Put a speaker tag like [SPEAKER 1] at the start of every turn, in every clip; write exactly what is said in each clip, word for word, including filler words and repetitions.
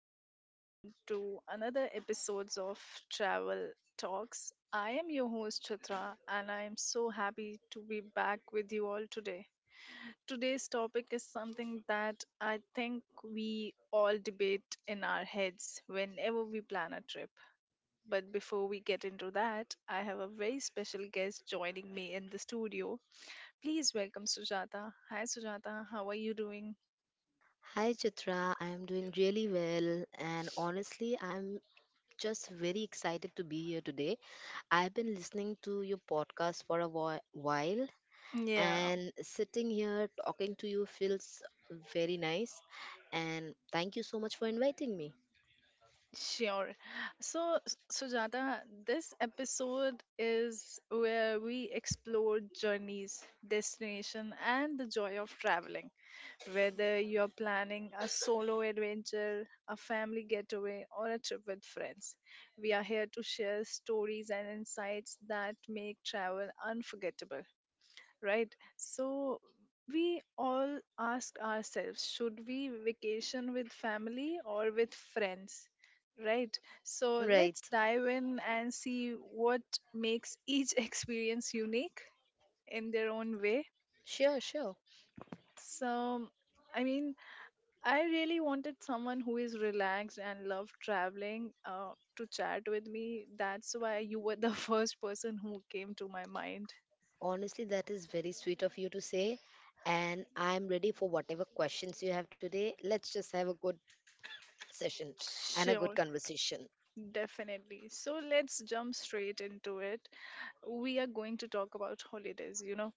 [SPEAKER 1] warm welcome to another episodes of Travel Talks. I am your host Chitra and I am so happy to be back with you all today. Today's topic is something that I think we all debate in our heads whenever we plan a trip. But before we get into that, I have a very special guest joining me in the studio. Please welcome Sujata. Hi Sujata, how are you doing?
[SPEAKER 2] Hi Chitra, I am doing really well and honestly I'm just very excited to be here today. I've been listening to your podcast for a whi- while
[SPEAKER 1] Yeah.
[SPEAKER 2] and sitting here talking to you feels very nice and thank you so much for inviting me.
[SPEAKER 1] Sure. So, S- Sujata, this episode is where we explore journeys, destination, and the joy of traveling. Whether you're planning a solo adventure, a family getaway, or a trip with friends, we are here to share stories and insights that make travel unforgettable, right? So we all ask ourselves, should we vacation with family or with friends? Right. So let's
[SPEAKER 2] Right.
[SPEAKER 1] dive in and see what makes each experience unique in their own way.
[SPEAKER 2] Sure, sure.
[SPEAKER 1] So, I mean, I really wanted someone who is relaxed and love traveling uh, to chat with me. That's why you were the first person who came to my mind.
[SPEAKER 2] Honestly, that is very sweet of you to say and I'm ready for whatever questions you have today. Let's just have a good session and a good
[SPEAKER 1] Sure.
[SPEAKER 2] conversation.
[SPEAKER 1] Definitely. So let's jump straight into it. We are going to talk about holidays. You know,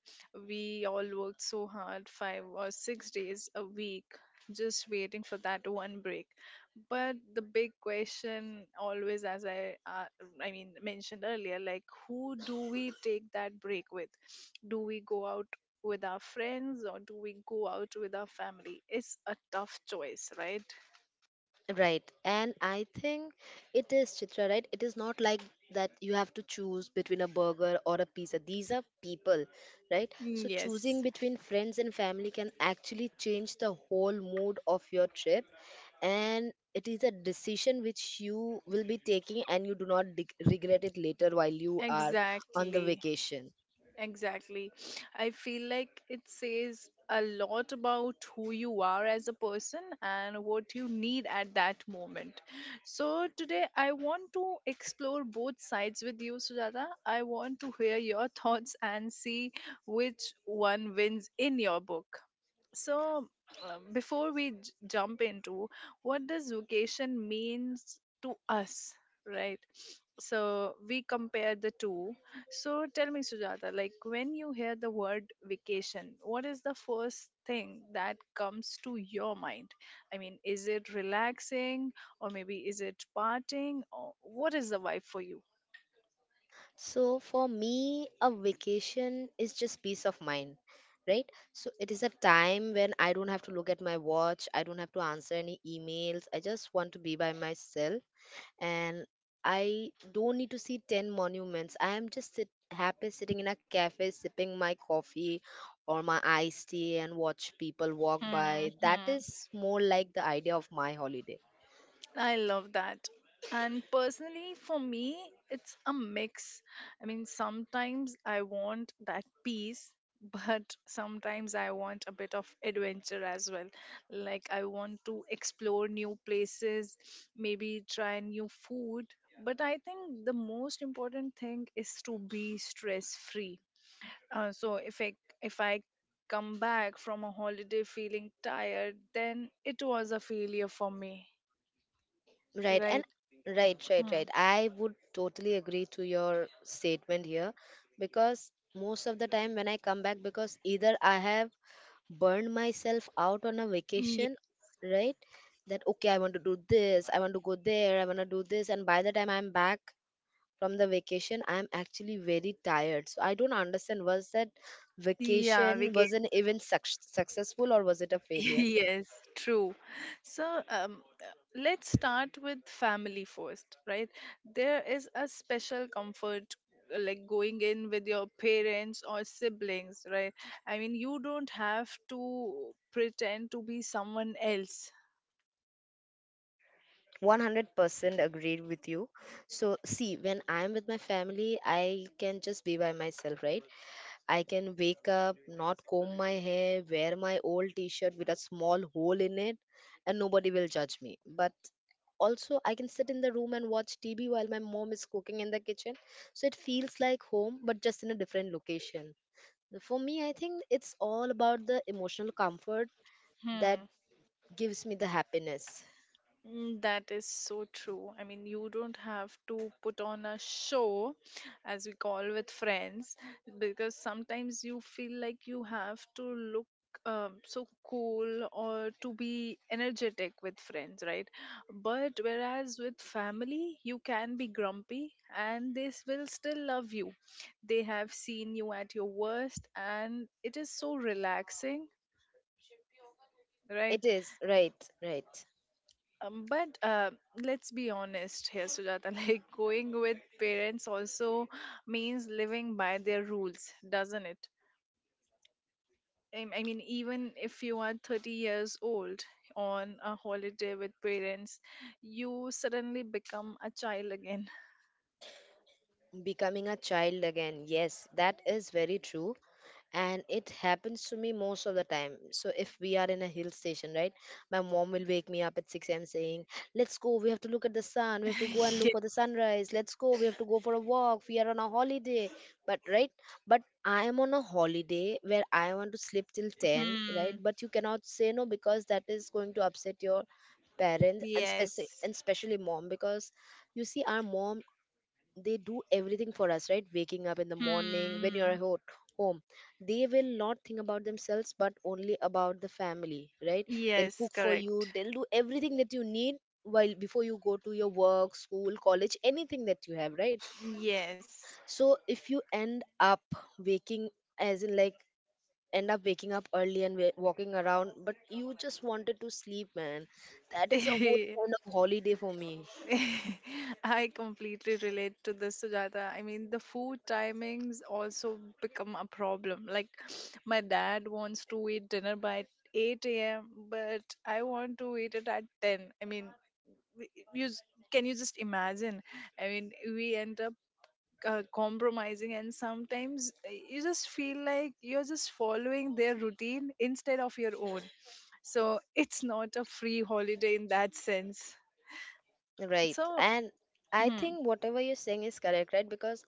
[SPEAKER 1] we all worked so hard, five or six days a week, just waiting for that one break. But the big question, always, as I, uh, I mean, mentioned earlier, like who do we take that break with? Do we go out with our friends or do we go out with our family? It's a tough choice, right?
[SPEAKER 2] Right. And I think it is, Chitra, right? It is not like that you have to choose between a burger or a pizza. These are people, right? So
[SPEAKER 1] Yes,
[SPEAKER 2] choosing between friends and family can actually change the whole mood of your trip. And it is a decision which you will be taking and you do not dig- regret it later while you are on the
[SPEAKER 1] exactly.
[SPEAKER 2] vacation.
[SPEAKER 1] Exactly. I feel like it says a lot about who you are as a person and what you need at that moment. So, today I want to explore both sides with you, Sujata. I want to hear your thoughts and see which one wins in your book. So, um, before we j- jump into what does vocation means to us, right? So, we compare the two. So tell me, Sujata, like when you hear the word vacation, what is the first thing that comes to your mind? I mean, is it relaxing or maybe is it partying, or what is the vibe for you?
[SPEAKER 2] So for me, a vacation is just peace of mind, right? So it is a time when I don't have to look at my watch, I don't have to answer any emails. I just want to be by myself and I don't need to see ten monuments. I am just sit- happy sitting in a cafe sipping my coffee or my iced tea and watch people walk
[SPEAKER 1] Hmm.
[SPEAKER 2] by. That
[SPEAKER 1] Hmm.
[SPEAKER 2] is more like the idea of my holiday.
[SPEAKER 1] I love that. And personally, for me, it's a mix. I mean, sometimes I want that peace, but sometimes I want a bit of adventure as well. Like, I want to explore new places, maybe try new food. But I think the most important thing is to be stress free. Uh, so, if I, if I come back from a holiday feeling tired, then it was a failure for me,
[SPEAKER 2] Right. And
[SPEAKER 1] right?
[SPEAKER 2] right, right,
[SPEAKER 1] Hmm.
[SPEAKER 2] right, I would totally agree to your statement here because most of the time when I come back, because either I have burned myself out on a
[SPEAKER 1] Ye-
[SPEAKER 2] vacation, right? That okay, I want to do this, I want to go there, I want to do this, and by the time I'm back from the vacation, I'm actually very tired. So I don't understand, was that
[SPEAKER 1] Yeah, we
[SPEAKER 2] vacation wasn't even suc successful, or was it a failure?
[SPEAKER 1] Yes, true. So, um, uh, let's start with family first, right? There is a special comfort, uh, like going in with your parents or siblings, right? I mean, you don't have to pretend to be someone else.
[SPEAKER 2] one hundred percent agreed with you. So, see, when I'm with my family, I can just be by myself, right? I can wake up, not comb my hair, wear my old t shirt with a small hole in it, and nobody will judge me. But also, I can sit in the room and watch T V while my mom is cooking in the kitchen. So, it feels like home, but just in a different location. For me, I think it's all about the emotional comfort that
[SPEAKER 1] Hmm.
[SPEAKER 2] gives me the happiness.
[SPEAKER 1] Mm, that is so true. I mean, you don't have to put on a show, as we call with friends, because sometimes you feel like you have to look, um, so cool, or to be energetic with friends, right? But whereas with family, you can be grumpy and they s- will still love you. They have seen you at your worst, and it is so relaxing.
[SPEAKER 2] It
[SPEAKER 1] Right.
[SPEAKER 2] is, right, right.
[SPEAKER 1] Um, but uh, let's be honest here, Sujata. Like going with parents also means living by their rules, doesn't it? I I mean, even if you are thirty years old on a holiday with parents, you suddenly become a child again.
[SPEAKER 2] Becoming a child again. Yes, that is very true. And it happens to me most of the time. So if we are in a hill station, right? My mom will wake me up at six a m saying, let's go, we have to look at the sun, we have to go and look
[SPEAKER 1] Ye-
[SPEAKER 2] for the sunrise, let's go, we have to go for a walk, we are on a holiday. But right? But I am on a holiday where I want to sleep till ten, right?
[SPEAKER 1] Hmm.
[SPEAKER 2] But you cannot say no because that is going to upset your parents, and speci-
[SPEAKER 1] Yes.
[SPEAKER 2] and especially mom, because you see our mom, they do everything for us, right? Waking up in the morning when you're
[SPEAKER 1] Hmm.
[SPEAKER 2] at ho- home, they will not think about themselves but only about the family, right? They'll
[SPEAKER 1] Yes,
[SPEAKER 2] cook for you,
[SPEAKER 1] correct.
[SPEAKER 2] they'll do everything that you need while before you go to your work, school, college, anything that you have, right?
[SPEAKER 1] Yes.
[SPEAKER 2] So if you end up waking as in like end up waking up early and wa- walking around, but you just wanted to sleep, man, that is a whole kind of holiday for me.
[SPEAKER 1] I completely relate to this, Sujata. I mean, the food timings also become a problem. Like, my dad wants to eat dinner by eight a m, but I want to eat it at ten. I mean, w- you s- can you just imagine? I mean, we end up uh, compromising, and sometimes uh, you just feel like you're just following their routine instead of your own. So, it's not a free holiday in that sense.
[SPEAKER 2] Right.
[SPEAKER 1] So,
[SPEAKER 2] And I
[SPEAKER 1] hmm.
[SPEAKER 2] think whatever you're saying is correct, right? Because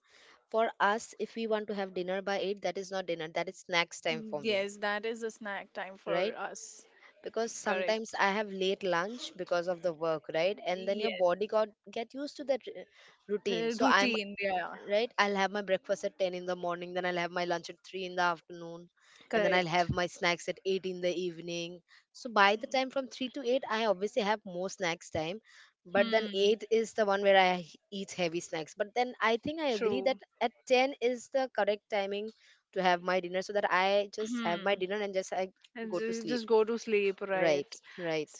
[SPEAKER 2] for us, if we want to have dinner by eight, that is not dinner, that is snacks time
[SPEAKER 1] Mm,
[SPEAKER 2] for me,
[SPEAKER 1] yes, that is a snack time for
[SPEAKER 2] right?
[SPEAKER 1] us.
[SPEAKER 2] Because sometimes
[SPEAKER 1] Correct.
[SPEAKER 2] I have late lunch because of the work, right? And then your
[SPEAKER 1] Yes.
[SPEAKER 2] body got get used to that r- routine.
[SPEAKER 1] Uh,
[SPEAKER 2] So I
[SPEAKER 1] routine, yeah.
[SPEAKER 2] Right, I'll have my breakfast at ten in the morning, then I'll have my lunch at three in the afternoon, and then I'll
[SPEAKER 1] Correct.
[SPEAKER 2] have my snacks at eight in the evening. So by the time from three to eight I obviously have more snacks time, but then
[SPEAKER 1] Hmm.
[SPEAKER 2] eight is the one where I h- eat heavy snacks. But then I think I agree that
[SPEAKER 1] True.
[SPEAKER 2] at ten is the correct timing to have my dinner, so that I just have my
[SPEAKER 1] Hmm.
[SPEAKER 2] dinner and just I
[SPEAKER 1] And
[SPEAKER 2] go to
[SPEAKER 1] ju-
[SPEAKER 2] sleep,
[SPEAKER 1] just go to sleep,
[SPEAKER 2] right?
[SPEAKER 1] right?
[SPEAKER 2] Right.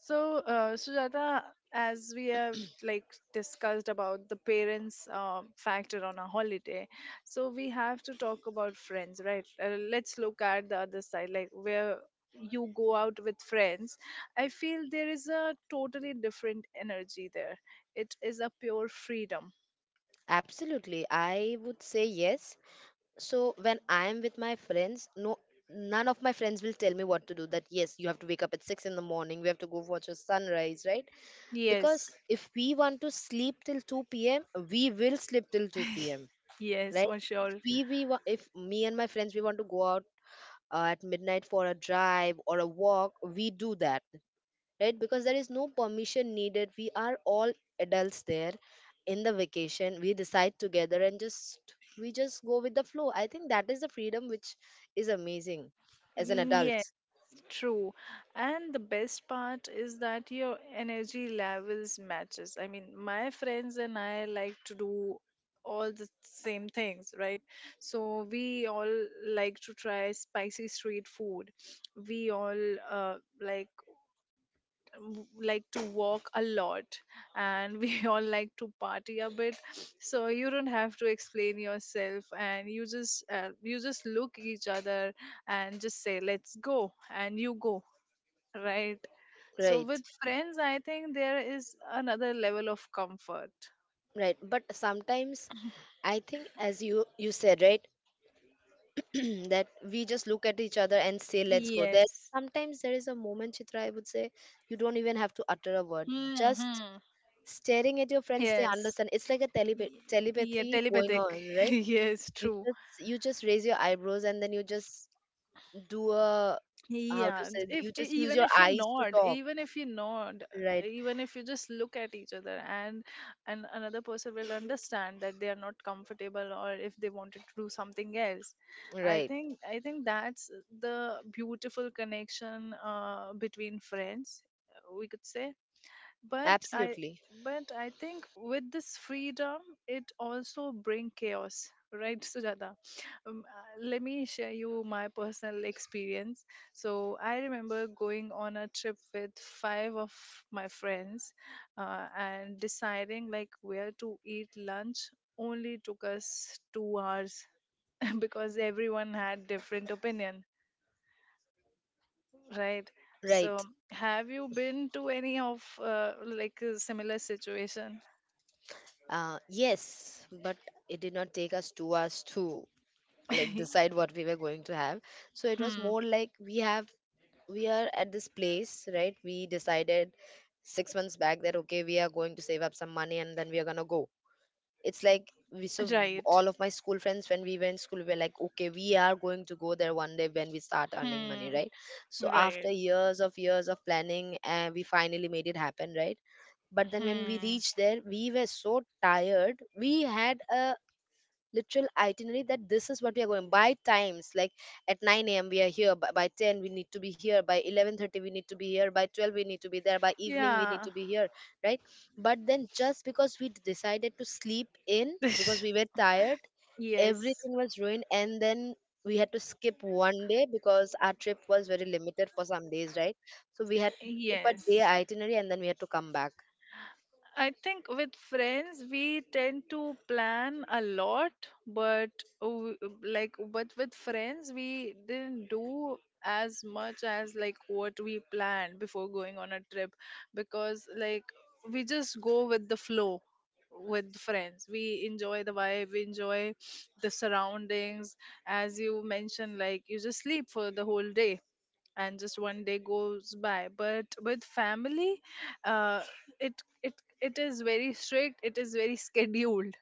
[SPEAKER 1] So, uh, Sujata, as we have like discussed about the parents uh, factor on a holiday, so we have to talk about friends, right? Uh, let's look at the other side, like where you go out with friends. I feel there is a totally different energy there. It is a pure freedom.
[SPEAKER 2] Absolutely, I would say yes. So when I am with my friends, no none of my friends will tell me what to do, that yes, you have to wake up at six in the morning, we have to go watch a sunrise, right? Because
[SPEAKER 1] Yes.
[SPEAKER 2] if we want to sleep till two p.m., we will sleep till two p.m.,
[SPEAKER 1] Yes,
[SPEAKER 2] right?
[SPEAKER 1] for
[SPEAKER 2] if
[SPEAKER 1] sure.
[SPEAKER 2] we, we wa- if me and my friends, we want to go out uh, at midnight for a drive or a walk, we do that, right? Because there is no permission needed, we are all adults there. In the vacation, we decide together and just we just go with the flow. I think that is the freedom which is amazing as an
[SPEAKER 1] Mm, yeah.
[SPEAKER 2] adult.
[SPEAKER 1] True. And the best part is that your energy levels matches. I mean, my friends and I like to do all the same things, right? So we all like to try spicy street food. We all uh, like, w- like to walk a lot, and we all like to party a bit. So you don't have to explain yourself, and you just uh, you just look each other and just say let's go, and you go. Right. So
[SPEAKER 2] Right,
[SPEAKER 1] with friends, I think there is another level of comfort.
[SPEAKER 2] right. But sometimes, I think as you you said, right, that we just look at each other and say let's go there.
[SPEAKER 1] Yes.
[SPEAKER 2] Sometimes there is a moment, Chitra, I would say, you don't even have to utter a word,
[SPEAKER 1] Hmm.
[SPEAKER 2] just
[SPEAKER 1] Hmm.
[SPEAKER 2] staring at your friends, they
[SPEAKER 1] Yes.
[SPEAKER 2] understand, it's like a telepa-
[SPEAKER 1] Ye- Yeah.
[SPEAKER 2] telepathy going
[SPEAKER 1] Telepathic.
[SPEAKER 2] on, right?
[SPEAKER 1] Yes.
[SPEAKER 2] you
[SPEAKER 1] True.
[SPEAKER 2] just you just raise your eyebrows, and then you just do a, how to
[SPEAKER 1] Yeah, and
[SPEAKER 2] say,
[SPEAKER 1] if
[SPEAKER 2] you
[SPEAKER 1] e-
[SPEAKER 2] just use
[SPEAKER 1] even
[SPEAKER 2] your
[SPEAKER 1] if you
[SPEAKER 2] eyes to
[SPEAKER 1] nod,
[SPEAKER 2] talk,
[SPEAKER 1] even if you nod, uh,
[SPEAKER 2] right?
[SPEAKER 1] even if you just look at each other, and and another person will understand that they are not comfortable, or if they wanted to do something else. I
[SPEAKER 2] Right.
[SPEAKER 1] think I think that's the beautiful connection, uh, between friends, uh, we could say. But i
[SPEAKER 2] Absolutely
[SPEAKER 1] but i think with this freedom, it also bring chaos, right, Sujata? Um, uh, let me share you my personal experience. So I remember going on a trip with five of my friends, uh, and deciding like where to eat lunch only took us two hours because everyone had different opinion. Right. So,
[SPEAKER 2] right.
[SPEAKER 1] have you been to any of, uh, like, a similar situation?
[SPEAKER 2] Uh, yes, but it did not take us two hours to like
[SPEAKER 1] Hmm.
[SPEAKER 2] decide what we were going to have. So it was more like we have we are at this place, right? We decided six months back that okay, we are going to save up some money and then we are gonna go. It's like we, so
[SPEAKER 1] Right.
[SPEAKER 2] all of my school friends, when we were in school, we were like okay, we are going to go there one day when we start earning money,
[SPEAKER 1] Hmm.
[SPEAKER 2] right? So
[SPEAKER 1] Right.
[SPEAKER 2] after years of years of planning, and we finally made it happen, right? But then when we
[SPEAKER 1] Hmm.
[SPEAKER 2] reached there, we were so tired. We had a literal itinerary, that this is what we are going by times, like at nine a.m. we are here, by, by ten we need to be here, by eleven thirty we need to be here, by twelve we need to be there, by evening we need
[SPEAKER 1] Yeah.
[SPEAKER 2] to be here, right? But then just because we decided to sleep in because we were tired,
[SPEAKER 1] Yes.
[SPEAKER 2] everything was ruined. And then we had to skip one day because our trip was very limited for some days, right? So we had to skip a day
[SPEAKER 1] Yes.
[SPEAKER 2] itinerary, and then we had to come back,
[SPEAKER 1] I think with friends we tend to plan a lot, but w- like, but with friends we didn't do as much as like what we planned before going on a trip, because like we just go with the flow. With friends we enjoy the vibe, we enjoy the surroundings. As you mentioned, like you just sleep for the whole day, and just one day goes by. But with family, uh, it it it is very strict, it is very scheduled,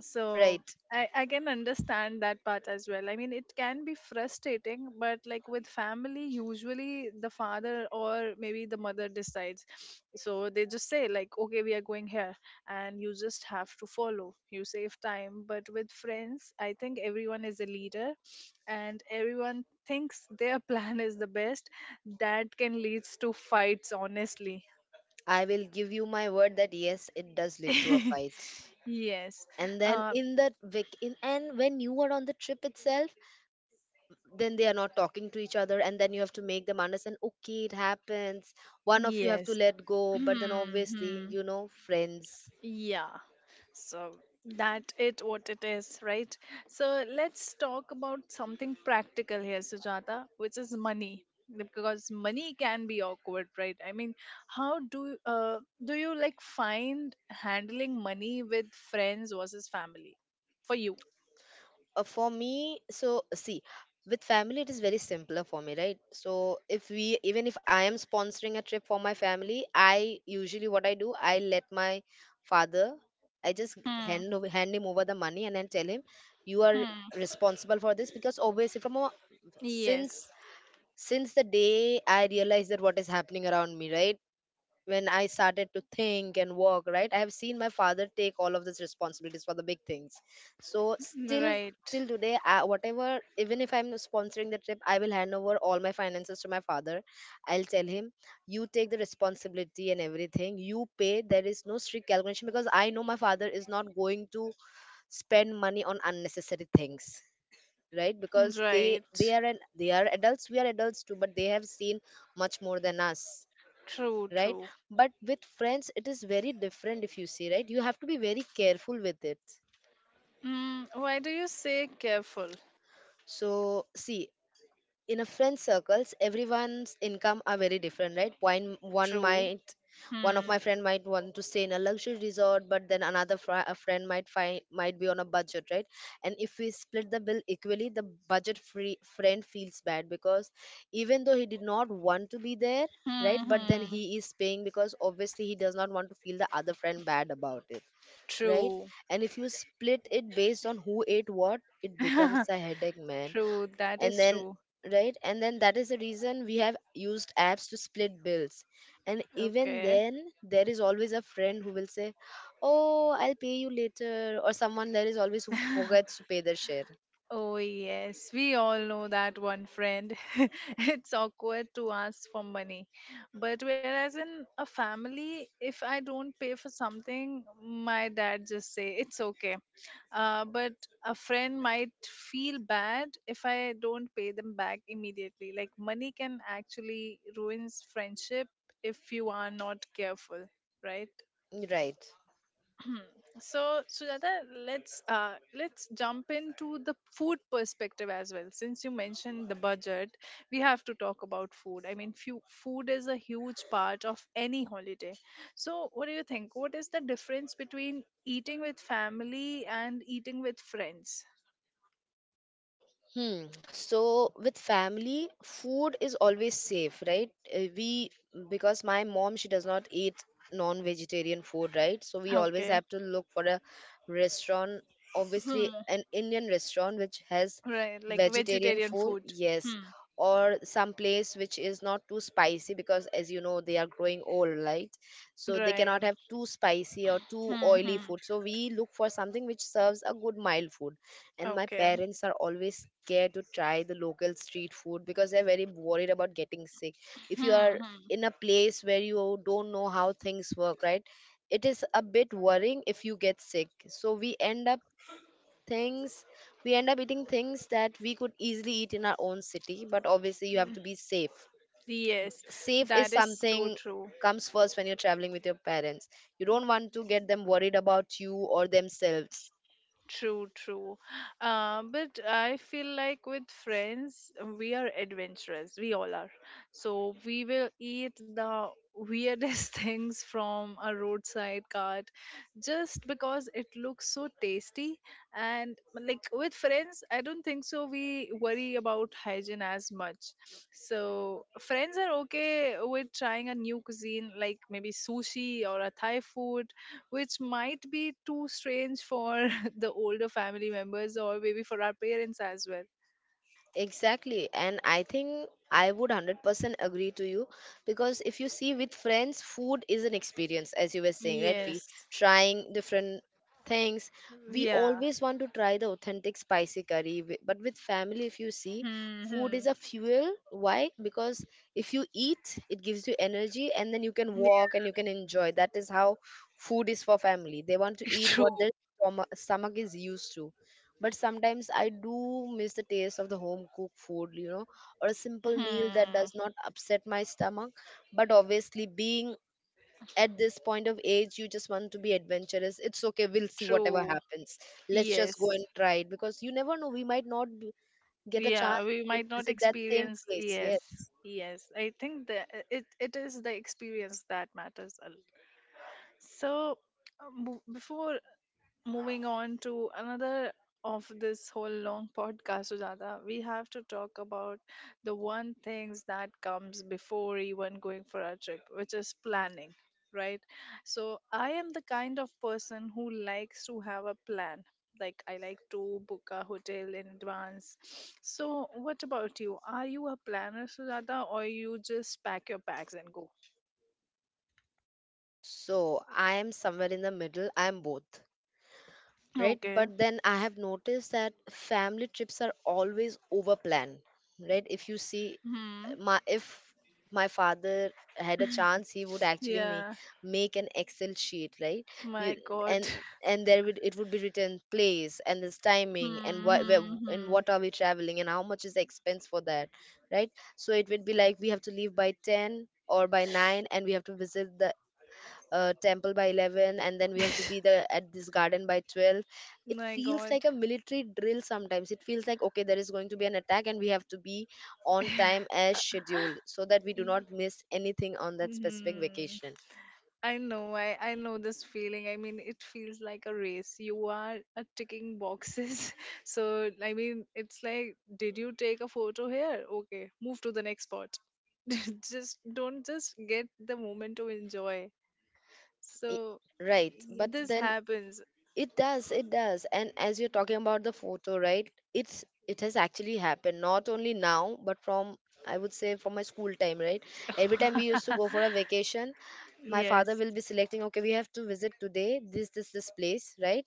[SPEAKER 1] so
[SPEAKER 2] right?
[SPEAKER 1] I, I can understand that part as well. I mean, it can be frustrating, but like with family, usually the father or maybe the mother decides. So they just say, like, okay, we are going here, and you just have to follow. You save time. But with friends, I think everyone is a leader and everyone thinks their plan is the best. That can leads to fights, honestly.
[SPEAKER 2] I will give you my word that yes, it does lead to a fight.
[SPEAKER 1] Yes.
[SPEAKER 2] And then
[SPEAKER 1] Uh,
[SPEAKER 2] in that week, in and when you are on the trip itself, then they are not talking to each other, and then you have to make them understand, okay, it happens, one of you have to
[SPEAKER 1] yes.
[SPEAKER 2] let go. But then obviously,
[SPEAKER 1] Hmm.
[SPEAKER 2] you know, friends.
[SPEAKER 1] Yeah, so that it what it is, right? So let's talk about something practical here, Sujata, which is money, because money can be awkward, right? I mean, how do uh do you like find handling money with friends versus family for you?
[SPEAKER 2] Uh, for me, so see, with family it is very simpler for me, right? So if we, even if I am sponsoring a trip for my family, I usually, what I do, I let my father, I just
[SPEAKER 1] Hmm.
[SPEAKER 2] hand over hand him over the money and then tell him you are
[SPEAKER 1] Hmm.
[SPEAKER 2] responsible for this. Because obviously from a, since
[SPEAKER 1] Yes.
[SPEAKER 2] since the day I realized that what is happening around me, right, when I started to think and walk, right, I have seen my father take all of these responsibilities for the big things. So still
[SPEAKER 1] Right.
[SPEAKER 2] till today, I, whatever, even if I'm sponsoring the trip, I will hand over all my finances to my father. I'll tell him you take the responsibility and everything, you pay, there is no strict calculation, because I know my father is not going to spend money on unnecessary things, right? Because they
[SPEAKER 1] Right.
[SPEAKER 2] they are an they are adults, we are adults too, but they have seen much more than us,
[SPEAKER 1] True.
[SPEAKER 2] right?
[SPEAKER 1] True.
[SPEAKER 2] But with friends it is very different, if you see, right, you have to be very careful with it.
[SPEAKER 1] Mm, why do you say careful?
[SPEAKER 2] So see, in a friend circles, everyone's income are very different, right? One one
[SPEAKER 1] True.
[SPEAKER 2] might one of
[SPEAKER 1] Hmm.
[SPEAKER 2] my friend might want to stay in a luxury resort, but then another fri- a friend might find might be on a budget, right? And if we split the bill equally, the budget free friend feels bad, because even though he did not want to be there,
[SPEAKER 1] Hmm.
[SPEAKER 2] right, but then
[SPEAKER 1] Hmm.
[SPEAKER 2] he is paying because obviously he does not want to feel the other friend bad about it, right?
[SPEAKER 1] True.
[SPEAKER 2] And if you split it based on who ate what, it becomes a headache, man.
[SPEAKER 1] True. That
[SPEAKER 2] And
[SPEAKER 1] is
[SPEAKER 2] then,
[SPEAKER 1] true.
[SPEAKER 2] right, and then that is the reason we have used apps to split bills, and even
[SPEAKER 1] Okay.
[SPEAKER 2] then there is always a friend who will say, oh, I'll pay you later, or someone, there is always who forgets to pay their share,
[SPEAKER 1] Oh, yes. We all know that one friend. It's awkward to ask for money. But whereas in a family, if I don't pay for something, my dad just say it's okay. Uh, but a friend might feel bad if I don't pay them back immediately. Like, money can actually ruins friendship if you are not careful, right?
[SPEAKER 2] right.
[SPEAKER 1] So, Sujata, let's uh, let's jump into the food perspective as well. Since you mentioned the budget, we have to talk about food. I mean, few, food is a huge part of any holiday. So, what do you think? What is the difference between eating with family and eating with friends?
[SPEAKER 2] Hmm. So with family, food is always safe, right? Uh, We, because my mom, she does not eat non-vegetarian food, right? So we always
[SPEAKER 1] Okay.
[SPEAKER 2] have to look for a restaurant, obviously
[SPEAKER 1] Hmm.
[SPEAKER 2] an Indian restaurant which has
[SPEAKER 1] Right, like
[SPEAKER 2] vegetarian
[SPEAKER 1] vegetarian
[SPEAKER 2] food,
[SPEAKER 1] food.
[SPEAKER 2] yes,
[SPEAKER 1] Hmm.
[SPEAKER 2] or some place which is not too spicy because, as you know, they are growing old, right? So they cannot have
[SPEAKER 1] Right.
[SPEAKER 2] too spicy or too
[SPEAKER 1] Hmm.
[SPEAKER 2] oily
[SPEAKER 1] Hmm.
[SPEAKER 2] food. So we look for something which serves a good mild food, and my
[SPEAKER 1] Okay.
[SPEAKER 2] parents are always scared to try the local street food because they're very worried about getting sick. If you
[SPEAKER 1] Hmm.
[SPEAKER 2] are
[SPEAKER 1] Hmm.
[SPEAKER 2] in a place where you don't know how things work, right, it is a bit worrying if you get sick. So we end up, things we end up eating things that we could easily eat in our own city, but obviously you have to be safe.
[SPEAKER 1] Yes,
[SPEAKER 2] Safe is
[SPEAKER 1] that is so
[SPEAKER 2] something
[SPEAKER 1] true.
[SPEAKER 2] comes first when you're traveling with your parents. You don't want to get them worried about you or themselves.
[SPEAKER 1] True, true. Uh, but I feel like with friends, we are adventurous. We all are. So we will eat the weirdest things from a roadside cart just because it looks so tasty. And like with friends, I don't think so. We worry about hygiene as much. So friends are okay with trying a new cuisine, like maybe sushi or a Thai food, which might be too strange for the older family members or maybe for our parents as well.
[SPEAKER 2] Exactly. And I think I would one hundred percent agree to you, because if you see, with friends, food is an experience, as you were saying, right? We
[SPEAKER 1] Yes.
[SPEAKER 2] Trying different things. We
[SPEAKER 1] Yeah.
[SPEAKER 2] always want to try the authentic spicy curry. wi- But with family, if you see, food
[SPEAKER 1] Hmm.
[SPEAKER 2] is a fuel. Why? Because if you eat, it gives you energy and then you can
[SPEAKER 1] Yeah.
[SPEAKER 2] walk and you can enjoy. That is how food is for family. They want to eat what
[SPEAKER 1] True.
[SPEAKER 2] their stomach, stomach is used to, but sometimes I do miss the taste of the home cooked food, you know, or a simple meal that
[SPEAKER 1] Hmm.
[SPEAKER 2] does not upset my stomach. But obviously, being at this point of age, you just want to be adventurous. It's okay, we'll see whatever
[SPEAKER 1] True.
[SPEAKER 2] happens. Let's just go
[SPEAKER 1] Yes.
[SPEAKER 2] and try it, because you never know, we might not b- get a
[SPEAKER 1] Yeah,
[SPEAKER 2] chance
[SPEAKER 1] we
[SPEAKER 2] again
[SPEAKER 1] might
[SPEAKER 2] to
[SPEAKER 1] not
[SPEAKER 2] visit that same
[SPEAKER 1] experience.
[SPEAKER 2] place,
[SPEAKER 1] Yes.
[SPEAKER 2] yes.
[SPEAKER 1] Yes. I think that it, it is the experience that matters a lot. So, um, b- before moving on to another of this whole long podcast, Sujata, we have to talk about the one things that comes before even going for a trip, which is planning, right? So I am the kind of person who likes to have a plan. Like I like to book a hotel in advance. So what about you? Are you a planner, Sujata, or you just pack your bags and go?
[SPEAKER 2] So I am somewhere in the middle. I am both, right?
[SPEAKER 1] Okay.
[SPEAKER 2] But then I have noticed that family trips are always over planned, right? If you see,
[SPEAKER 1] Hmm.
[SPEAKER 2] my if my father had a chance, he would actually make
[SPEAKER 1] Yeah.
[SPEAKER 2] make an excel sheet, right? You,
[SPEAKER 1] My
[SPEAKER 2] and
[SPEAKER 1] God.
[SPEAKER 2] and there would, it would be written, place and this timing and
[SPEAKER 1] Hmm.
[SPEAKER 2] what where,
[SPEAKER 1] hmm,
[SPEAKER 2] and
[SPEAKER 1] hmm.
[SPEAKER 2] what are we traveling and how much is the expense for that, right? So it would be like we have to leave by ten or by nine, and we have to visit the uh, temple by eleven, and then we have to be there at this garden by twelve. It
[SPEAKER 1] My
[SPEAKER 2] feels
[SPEAKER 1] God.
[SPEAKER 2] like a military drill. Sometimes it feels like, okay, there is going to be an attack and we have to be on time as scheduled so that we do not miss anything on that specific
[SPEAKER 1] Hmm.
[SPEAKER 2] vacation.
[SPEAKER 1] I know, I, I know this feeling. I mean, it feels like a race. You are uh, ticking boxes. So, I mean, it's like, did you take a photo here? Okay, move to the next spot. Just don't just get the moment to enjoy.
[SPEAKER 2] I-
[SPEAKER 1] So,
[SPEAKER 2] right,
[SPEAKER 1] y-
[SPEAKER 2] but
[SPEAKER 1] this
[SPEAKER 2] then,
[SPEAKER 1] happens.
[SPEAKER 2] it does, it does. And as you're talking about the photo, right, it's, it has actually happened not only now, but from, I would say, from my school time, right. Every time we used to go for a vacation, my father
[SPEAKER 1] Yes.
[SPEAKER 2] will be selecting, okay, we have to visit today this this this place, right.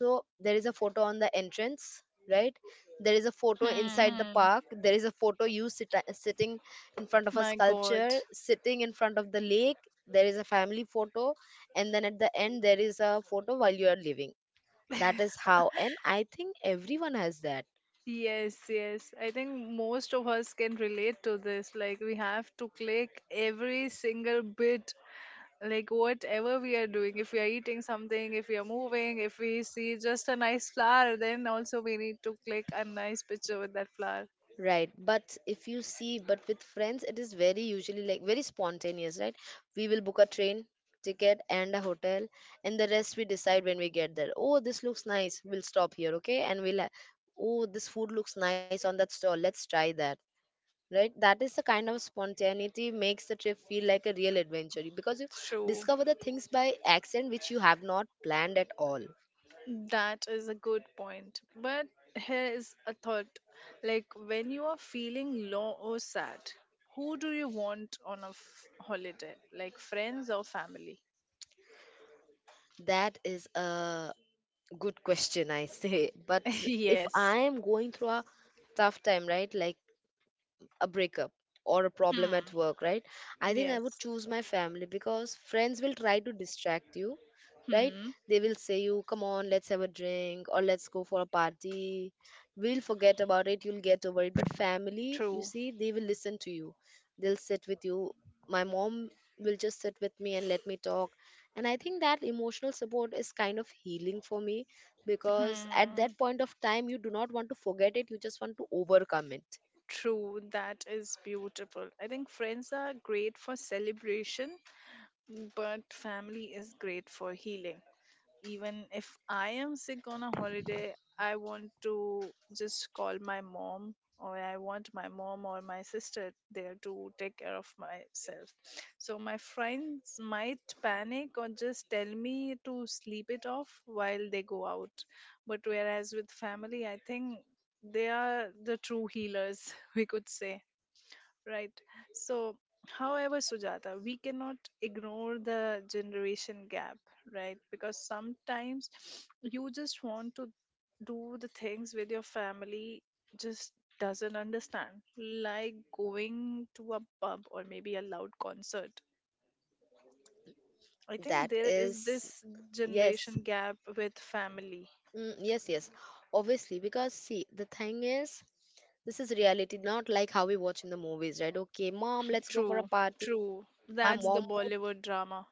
[SPEAKER 2] So there is a photo on the entrance, right. There is a photo
[SPEAKER 1] Hmm.
[SPEAKER 2] inside the
[SPEAKER 1] hmm.
[SPEAKER 2] park, there is a photo you sit, sitting in front of a
[SPEAKER 1] My God.
[SPEAKER 2] sculpture, sitting in front of the lake, there is a family photo, and then at the end there is a photo while you are living. That is how, and I think everyone has that.
[SPEAKER 1] Yes, yes. I think most of us can relate to this. Like, we have to click every single bit, like, whatever we are doing. If we are eating something, if we are moving, if we see just a nice flower, then also we need to click a nice picture with that flower.
[SPEAKER 2] Right, but if you see, but with friends, it is very usually like very spontaneous, right? We will book a train ticket and a hotel, and the rest we decide when we get there. Oh, this looks nice. We'll stop here, okay? And we'll, ha- oh, this food looks nice on that stall. Let's try that, right? That is the kind of spontaneity makes the trip feel like a real adventure, because you
[SPEAKER 1] True.
[SPEAKER 2] discover the things by accident which you have not planned at all.
[SPEAKER 1] That is a good point. But here is a thought like, when you are feeling low or sad, who do you want on a f- holiday? Like, friends or family?
[SPEAKER 2] That is a good question, I say. But if
[SPEAKER 1] Yes.
[SPEAKER 2] I am going through a tough time, right? Like a breakup, or a problem at
[SPEAKER 1] Hmm.
[SPEAKER 2] work, right. I think I would
[SPEAKER 1] Yes.
[SPEAKER 2] choose my family, because friends will try to distract you, right.
[SPEAKER 1] Hmm.
[SPEAKER 2] They will say, you come on, let's have a drink, or let's go for a party, we'll forget about it, you'll get over it. But family, you
[SPEAKER 1] True.
[SPEAKER 2] see, they will listen to you, they'll sit with you. My mom will just sit with me and let me talk, and I think that emotional support is kind of healing for me, because at
[SPEAKER 1] Hmm.
[SPEAKER 2] that point of time you do not want to forget it, you just want to overcome it.
[SPEAKER 1] True. That is beautiful. I think friends are great for celebration, but family is great for healing. Even if I am sick on a holiday, I want to just call my mom or I want my mom or my sister there to take care of myself. So my friends might panic or just tell me to sleep it off while they go out. But whereas with family, I think they are the true healers, we could say. Right. So, however, Sujata, we cannot ignore the generation gap, right? Because sometimes you just want to do the things with your family just doesn't understand, like going to a pub or maybe a loud concert. I think
[SPEAKER 2] That
[SPEAKER 1] there is
[SPEAKER 2] is,
[SPEAKER 1] this
[SPEAKER 2] yes,
[SPEAKER 1] generation gap with family.
[SPEAKER 2] mm, yes, yes. Obviously, because see, the thing is, this is reality, not like how we watch in the movies, right? Okay, mom, let's go for a
[SPEAKER 1] True,
[SPEAKER 2] party.
[SPEAKER 1] true.
[SPEAKER 2] My
[SPEAKER 1] That's the
[SPEAKER 2] mom would,
[SPEAKER 1] Bollywood drama.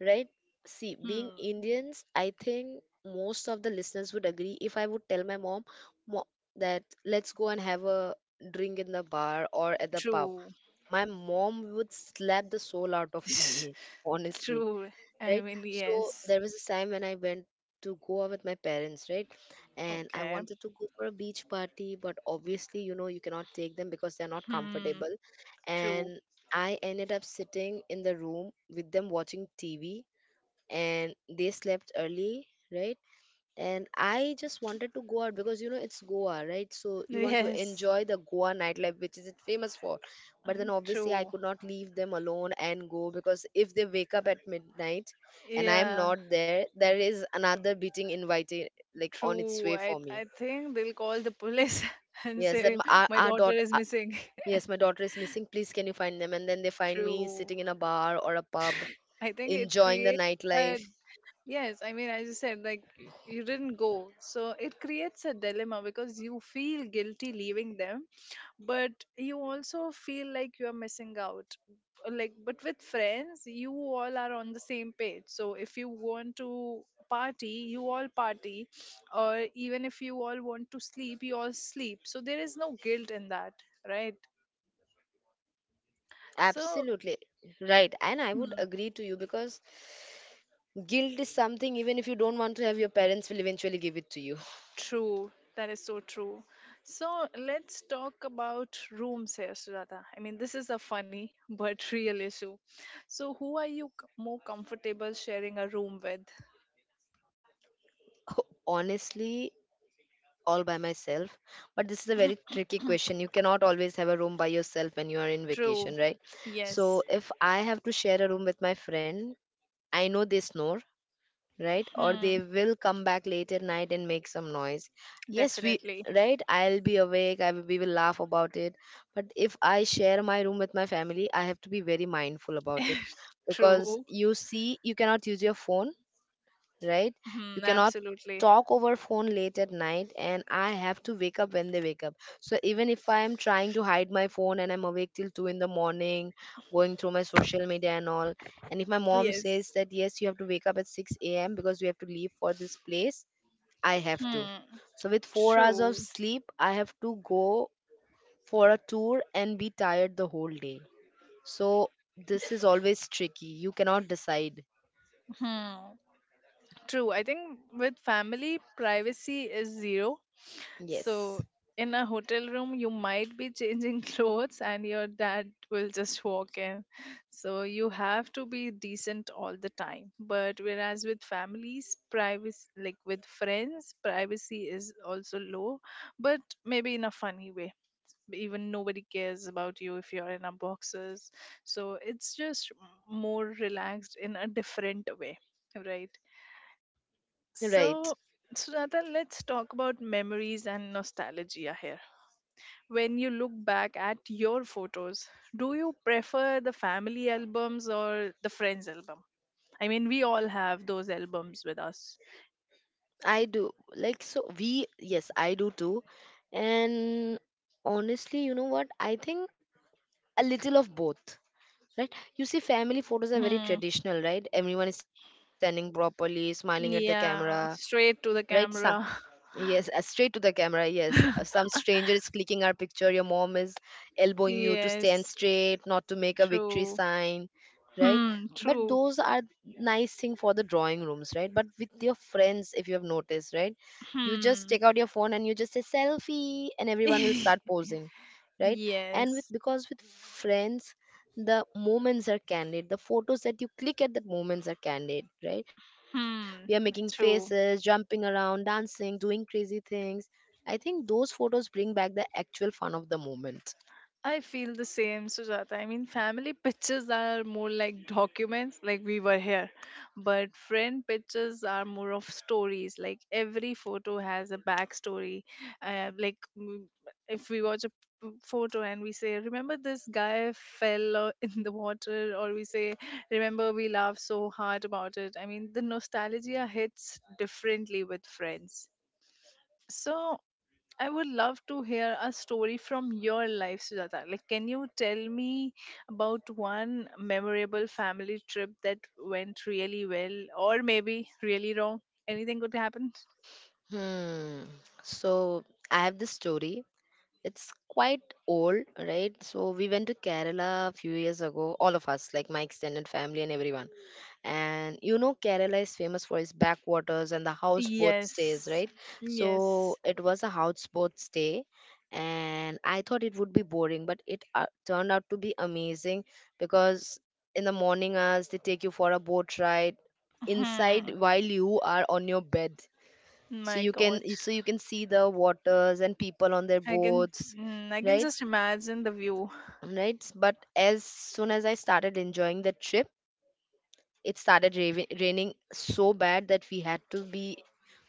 [SPEAKER 2] right? See, being
[SPEAKER 1] Hmm.
[SPEAKER 2] Indians, I think most of the listeners would agree, if I would tell my mom, "Mo- that let's go and have a drink in the bar or at the pub.
[SPEAKER 1] True.
[SPEAKER 2] My mom would slap the soul out of me, honestly.
[SPEAKER 1] True. I
[SPEAKER 2] Right?
[SPEAKER 1] mean,
[SPEAKER 2] So
[SPEAKER 1] yes.
[SPEAKER 2] there was a time when I went to go out with my parents, right? And I
[SPEAKER 1] Okay.
[SPEAKER 2] wanted to go for a beach party, but obviously, you know, you cannot take them because they're not
[SPEAKER 1] Hmm.
[SPEAKER 2] comfortable.
[SPEAKER 1] True.
[SPEAKER 2] And I ended up sitting in the room with them watching T V, and they slept early, right? And I just wanted to go out, because you know it's Goa, right? So you want to
[SPEAKER 1] Yes.
[SPEAKER 2] enjoy the Goa nightlife, which is it famous for. But then
[SPEAKER 1] I-
[SPEAKER 2] obviously I
[SPEAKER 1] True.
[SPEAKER 2] could not leave them alone and go, because if they wake up at midnight and I am
[SPEAKER 1] Yeah.
[SPEAKER 2] not there, there is another beating invited, like on its
[SPEAKER 1] True.
[SPEAKER 2] way
[SPEAKER 1] I
[SPEAKER 2] for
[SPEAKER 1] I
[SPEAKER 2] me.
[SPEAKER 1] think they'll call the police and
[SPEAKER 2] Yes, that
[SPEAKER 1] say
[SPEAKER 2] my, our,
[SPEAKER 1] my
[SPEAKER 2] our
[SPEAKER 1] daughter
[SPEAKER 2] daughter.
[SPEAKER 1] is
[SPEAKER 2] Uh,
[SPEAKER 1] missing.
[SPEAKER 2] yes, my daughter is missing. Please, can you find them? And then they find me
[SPEAKER 1] True.
[SPEAKER 2] sitting in a bar or a pub,
[SPEAKER 1] I think it
[SPEAKER 2] enjoying the
[SPEAKER 1] creates a
[SPEAKER 2] nightlife.
[SPEAKER 1] yes, I mean, as you said, like you didn't go. So it creates a dilemma because you feel guilty leaving them, but you also feel like you're missing out. Like, but with friends, you all are on the same page. So if you want to party, you all party, or even if you all want to sleep, you all sleep. So there is no guilt in that, right? So,
[SPEAKER 2] Absolutely right. And I would agree to you, because guilt is something, even if you don't want to have, your parents will eventually give it to you.
[SPEAKER 1] true, that is so true. So let's talk about rooms here, Sujata. I mean, this is a funny but real issue. So, who are you c- more comfortable sharing a room with?
[SPEAKER 2] Honestly, all by myself. But this is a very tricky question. You cannot always have a room by yourself when you are in
[SPEAKER 1] True.
[SPEAKER 2] vacation, right? So
[SPEAKER 1] Yes.
[SPEAKER 2] if I have to share a room with my friend, I know they snore, right, or they
[SPEAKER 1] Hmm.
[SPEAKER 2] will come back late at night and make some noise. Yes, we,
[SPEAKER 1] Definitely.
[SPEAKER 2] right, I'll be awake, i will, we will laugh about it. But if I share my room with my family, I have to be very mindful about it, because
[SPEAKER 1] True.
[SPEAKER 2] you see, you cannot use your phone, right? You
[SPEAKER 1] Hmm.
[SPEAKER 2] cannot
[SPEAKER 1] Absolutely.
[SPEAKER 2] talk over phone late at night, and I have to wake up when they wake up. So even if I am trying to hide my phone and I'm awake till two in the morning, going through my social media and all, and if my mom
[SPEAKER 1] Yes.
[SPEAKER 2] says that yes, you have to wake up at six a m because we have to leave for this place, I have to.
[SPEAKER 1] Hmm.
[SPEAKER 2] So with four hours of
[SPEAKER 1] True.
[SPEAKER 2] sleep, I have to go for a tour and be tired the whole day. So this is always tricky. You cannot decide.
[SPEAKER 1] Hmm. True. I think with family, privacy is zero.
[SPEAKER 2] Yes.
[SPEAKER 1] So, in a hotel room, you might be changing clothes and your dad will just walk in. So, you have to be decent all the time. But whereas with families, privacy, like with friends, privacy is also low, but maybe in a funny way. Even nobody cares about you if you're in a boxers. So, it's just more relaxed in a different way, right?
[SPEAKER 2] Right.
[SPEAKER 1] So, Sunata, let's talk about memories and nostalgia here when you look back at your photos, do you prefer the family albums or the friends album? I mean, we all have those albums with us.
[SPEAKER 2] I do. Like, so we, yes, I do too. And honestly, you know what? I think a little of both, right? You see, family photos are very
[SPEAKER 1] Hmm.
[SPEAKER 2] traditional, right? Everyone is standing properly, smiling at the camera,
[SPEAKER 1] Yeah, straight to
[SPEAKER 2] right?
[SPEAKER 1] the
[SPEAKER 2] So
[SPEAKER 1] camera.
[SPEAKER 2] yes, uh, straight to the camera. Yes, Uh, some stranger is clicking our picture. Your mom is elbowing you to stand
[SPEAKER 1] Yes,
[SPEAKER 2] straight, not to make a victory
[SPEAKER 1] true.
[SPEAKER 2] sign, right?
[SPEAKER 1] Hmm,
[SPEAKER 2] But
[SPEAKER 1] true.
[SPEAKER 2] those are nice thing for the drawing rooms, right? But with your friends, if you have noticed, right, you just
[SPEAKER 1] Hmm.
[SPEAKER 2] take out your phone and you just say selfie, and everyone will start posing, right? And with,
[SPEAKER 1] Yes.
[SPEAKER 2] because with friends, the moments are candid. The photos that you click at that moments are candid, right? We are making
[SPEAKER 1] Hmm,
[SPEAKER 2] faces,
[SPEAKER 1] true.
[SPEAKER 2] jumping around, dancing, doing crazy things. I think those photos bring back the actual fun of the moment.
[SPEAKER 1] I feel the same, Sujata. I mean, family pictures are more like documents, like we were here. But friend pictures are more of stories. Like every photo has a backstory. Uh, like mm, if we watch a p- photo and we say, "Remember this guy fell uh, in the water," or we say, "Remember we laughed so hard about it." I mean, the nostalgia hits differently with friends. So I would love to hear a story from your life, Sujata. Like, can you tell me about one memorable family trip that went really well or maybe really wrong? Anything could happen?
[SPEAKER 2] Hmm. So I have this story. It's quite old, right? So we went to Kerala a few years ago, all of us, like my extended family and everyone. And you know, Kerala is famous for its backwaters and the houseboat stays,
[SPEAKER 1] Yes.
[SPEAKER 2] right? So
[SPEAKER 1] Yes.
[SPEAKER 2] it was a houseboat stay, and I thought it would be boring, but it uh, turned out to be amazing because in the morning hours they take you for a boat ride inside
[SPEAKER 1] Hmm.
[SPEAKER 2] while you are on your bed. So
[SPEAKER 1] My
[SPEAKER 2] you can
[SPEAKER 1] God.
[SPEAKER 2] so you can see the waters and people on their
[SPEAKER 1] I can
[SPEAKER 2] boats.
[SPEAKER 1] mm, I can
[SPEAKER 2] Right,
[SPEAKER 1] just imagine the view.
[SPEAKER 2] right. But as soon as I started enjoying the trip, it started ravi- raining so bad that we had to be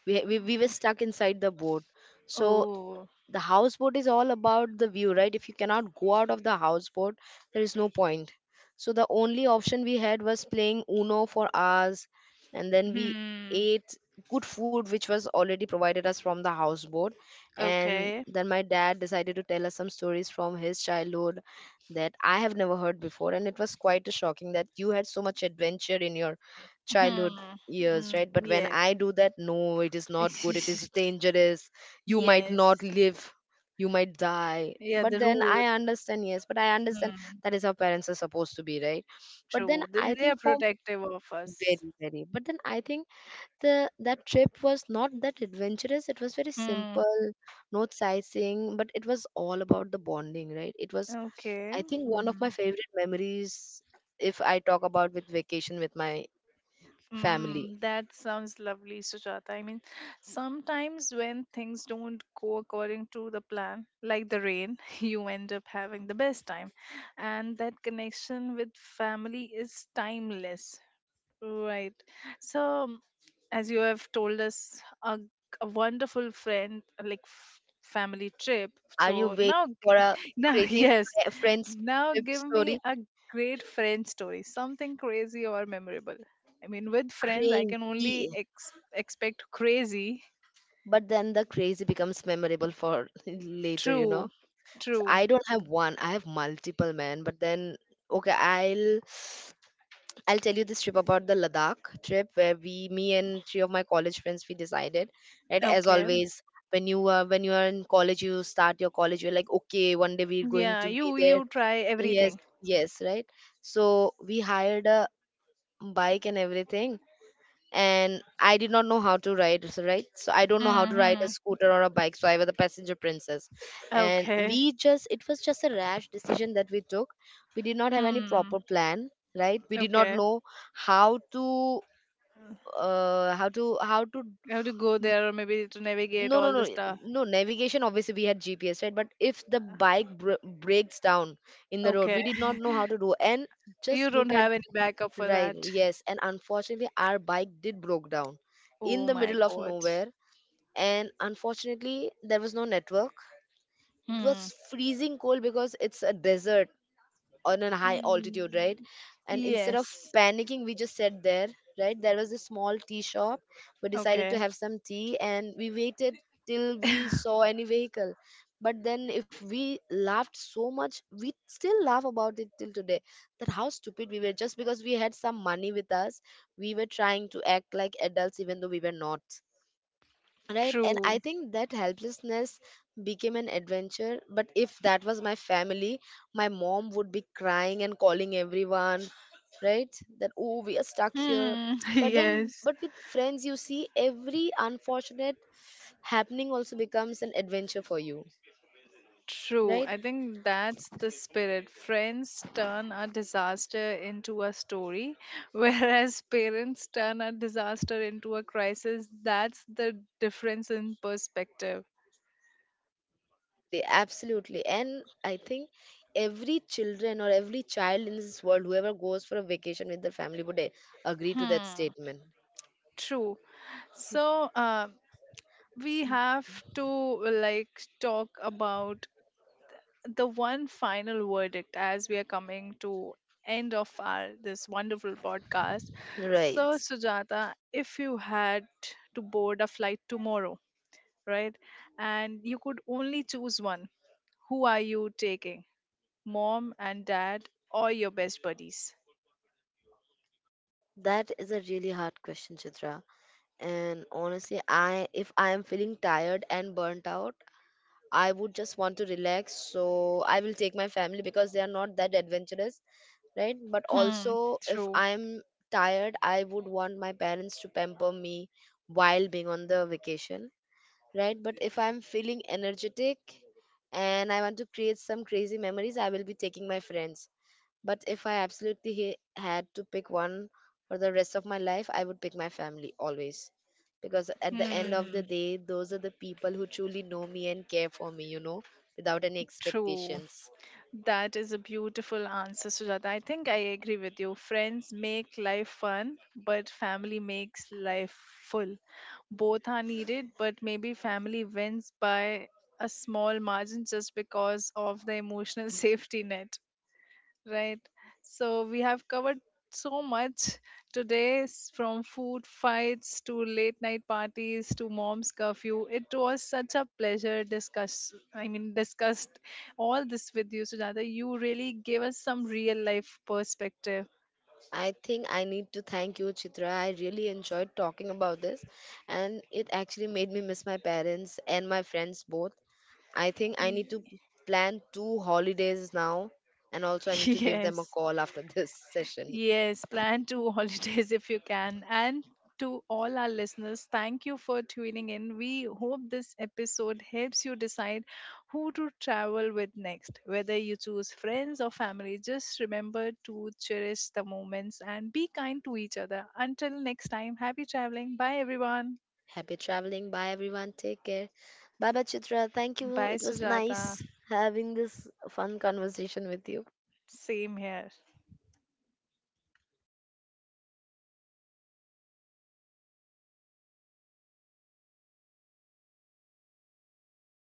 [SPEAKER 2] we, ha- we, we were stuck inside the boat. So
[SPEAKER 1] Oh.
[SPEAKER 2] the houseboat is all about the view, right? If you cannot go out of the houseboat, there is no point. So the only option we had was playing Uno for hours, and then we
[SPEAKER 1] Hmm.
[SPEAKER 2] ate good food which was already provided us from the houseboat. And
[SPEAKER 1] Okay.
[SPEAKER 2] then my dad decided to tell us some stories from his childhood that I have never heard before, and it was quite shocking that you had so much adventure in your childhood
[SPEAKER 1] Hmm.
[SPEAKER 2] years,
[SPEAKER 1] Mm,
[SPEAKER 2] right? But when
[SPEAKER 1] yeah.
[SPEAKER 2] I do that, no, it is not good, it is dangerous, you might
[SPEAKER 1] Yes.
[SPEAKER 2] not live, you might die.
[SPEAKER 1] Yeah,
[SPEAKER 2] But
[SPEAKER 1] the
[SPEAKER 2] then
[SPEAKER 1] rule.
[SPEAKER 2] I understand, yes, but I understand that is how parents are supposed to be, right? But then
[SPEAKER 1] True. They,
[SPEAKER 2] I
[SPEAKER 1] they are
[SPEAKER 2] think for
[SPEAKER 1] protective of us.
[SPEAKER 2] very very but then I think the that trip was not that adventurous, it was very
[SPEAKER 1] Hmm.
[SPEAKER 2] simple, not sightseeing, but it was all about the bonding, right? It was,
[SPEAKER 1] Okay.
[SPEAKER 2] I think, one of my
[SPEAKER 1] Hmm.
[SPEAKER 2] favorite memories if I talk about with vacation with my family.
[SPEAKER 1] Mm, that sounds lovely, Sujata. I mean, sometimes when things don't go according to the plan, like the rain, you end up having the best time. And that connection with family is timeless. Right. So, as you have told us a, a wonderful friend like f- family trip,
[SPEAKER 2] Are you
[SPEAKER 1] so now
[SPEAKER 2] waiting for
[SPEAKER 1] g-
[SPEAKER 2] a
[SPEAKER 1] now
[SPEAKER 2] crazy
[SPEAKER 1] yes,
[SPEAKER 2] fri- friends
[SPEAKER 1] now
[SPEAKER 2] trip
[SPEAKER 1] give me
[SPEAKER 2] story?
[SPEAKER 1] a great friend story, something crazy or memorable. I mean with friends I can only
[SPEAKER 2] Crazy.
[SPEAKER 1] ex- expect crazy.
[SPEAKER 2] But then the crazy becomes memorable for later, you
[SPEAKER 1] True.
[SPEAKER 2] know. So
[SPEAKER 1] True.
[SPEAKER 2] I don't have one, I have multiple, man, but then okay, I'll i'll tell you this trip about the Ladakh trip, where we, me and three of my college friends, we decided, right, as
[SPEAKER 1] Okay.
[SPEAKER 2] always. When you are when you are in college, you start your college, you're like, okay, one day we're going
[SPEAKER 1] Yeah,
[SPEAKER 2] to be
[SPEAKER 1] you
[SPEAKER 2] there.
[SPEAKER 1] you try
[SPEAKER 2] Yes,
[SPEAKER 1] everything.
[SPEAKER 2] yes, right. So we hired a bike and everything, and I did not know how to ride, so right? So I don't know how to ride a
[SPEAKER 1] Hmm.
[SPEAKER 2] scooter or a bike, so I was a passenger princess. And
[SPEAKER 1] Okay.
[SPEAKER 2] we just, it was just a rash decision that we took. We did not have any proper
[SPEAKER 1] Hmm.
[SPEAKER 2] plan, right? We did not
[SPEAKER 1] Okay.
[SPEAKER 2] know how to, uh, how to, how to.
[SPEAKER 1] You have to go
[SPEAKER 2] n-
[SPEAKER 1] there or maybe to navigate
[SPEAKER 2] No, no,
[SPEAKER 1] all the
[SPEAKER 2] no,
[SPEAKER 1] stuff.
[SPEAKER 2] no. Navigation, obviously, we had G P S, right? But if the bike br- breaks down in the road,
[SPEAKER 1] Okay.
[SPEAKER 2] we did not know how to do. And
[SPEAKER 1] You
[SPEAKER 2] just
[SPEAKER 1] don't
[SPEAKER 2] look at.
[SPEAKER 1] have any backup for
[SPEAKER 2] Right,
[SPEAKER 1] that.
[SPEAKER 2] yes, and unfortunately our bike did broke down in
[SPEAKER 1] Oh
[SPEAKER 2] the
[SPEAKER 1] my
[SPEAKER 2] middle of
[SPEAKER 1] god.
[SPEAKER 2] nowhere, and unfortunately there was no network. It
[SPEAKER 1] Hmm.
[SPEAKER 2] was freezing cold because it's a desert on a high altitude, right? And instead of
[SPEAKER 1] Yes.
[SPEAKER 2] panicking, we just sat there, right? There was a small tea shop. We decided to
[SPEAKER 1] Okay.
[SPEAKER 2] have some tea and we waited till we saw any vehicle. But then, if we laughed so much, we still laugh about it till today. That how stupid we were, just because we had some money with us, we were trying to act like adults even though we were not, right? And I
[SPEAKER 1] True.
[SPEAKER 2] think that helplessness became an adventure. But if that was my family, my mom would be crying and calling everyone, right, that oh, we are stuck here.
[SPEAKER 1] Hmm.
[SPEAKER 2] But then,
[SPEAKER 1] Yes.
[SPEAKER 2] but with friends, you see every unfortunate happening also becomes an adventure for you,
[SPEAKER 1] True.
[SPEAKER 2] right?
[SPEAKER 1] I think that's the spirit. Friends turn a disaster into a story, whereas parents turn a disaster into a crisis. That's the difference in perspective.
[SPEAKER 2] Totally, absolutely. And I think every children or every child in this world whoever goes for a vacation with their family would eh, agree to that
[SPEAKER 1] Hmm.
[SPEAKER 2] statement,
[SPEAKER 1] True. So, uh, we have to like talk about the one final verdict as we are coming to end of our this wonderful podcast. So
[SPEAKER 2] right?
[SPEAKER 1] Sujata, if you had to board a flight tomorrow, right, and you could only choose one, who are you taking? Mom and dad or your best buddies?
[SPEAKER 2] That is a really hard question, Chitra. And honestly, I if I am feeling tired and burnt out, I would just want to relax. So I will take my family because they are not that adventurous, right? But
[SPEAKER 1] Hmm.
[SPEAKER 2] also, if
[SPEAKER 1] True.
[SPEAKER 2] I'm tired, I would want my parents to pamper me while being on the vacation, right? But if I'm feeling energetic and I want to create some crazy memories, I will be taking my friends. But if I absolutely he- had to pick one for the rest of my life, I would pick my family always. Because at the end of the
[SPEAKER 1] Hmm.
[SPEAKER 2] day, those are the people who truly know me and care for me, you know, without any
[SPEAKER 1] True.
[SPEAKER 2] expectations.
[SPEAKER 1] That is a beautiful answer, Sujata. I think I agree with you. Friends make life fun, but family makes life full. Both are needed, but maybe family wins by a small margin just because of the emotional safety net. Right. So we have covered so much today, s- from food fights to late night parties to mom's curfew. It was such a pleasure discuss I mean discussed all this with you, Sujata. You really gave us some real life perspective.
[SPEAKER 2] I think I need to thank you, Chitra. I really enjoyed talking about this, and it actually made me miss my parents and my friends both. I think I
[SPEAKER 1] Y-
[SPEAKER 2] need to plan two holidays now, and also I need to give them a
[SPEAKER 1] yes.
[SPEAKER 2] call after this session.
[SPEAKER 1] Yes, plan two holidays if you can. And to all our listeners, thank you for tuning in. We hope this episode helps you decide who to travel with next. Whether you choose friends or family, just remember to cherish the moments and be kind to each other. Until next time, happy traveling. Bye, everyone.
[SPEAKER 2] Happy traveling. Bye, everyone. Take care. Bye, bye, Chitra. Thank you.
[SPEAKER 1] Bye,
[SPEAKER 2] It was
[SPEAKER 1] Sujata.
[SPEAKER 2] nice having this fun conversation with you.
[SPEAKER 1] Same here.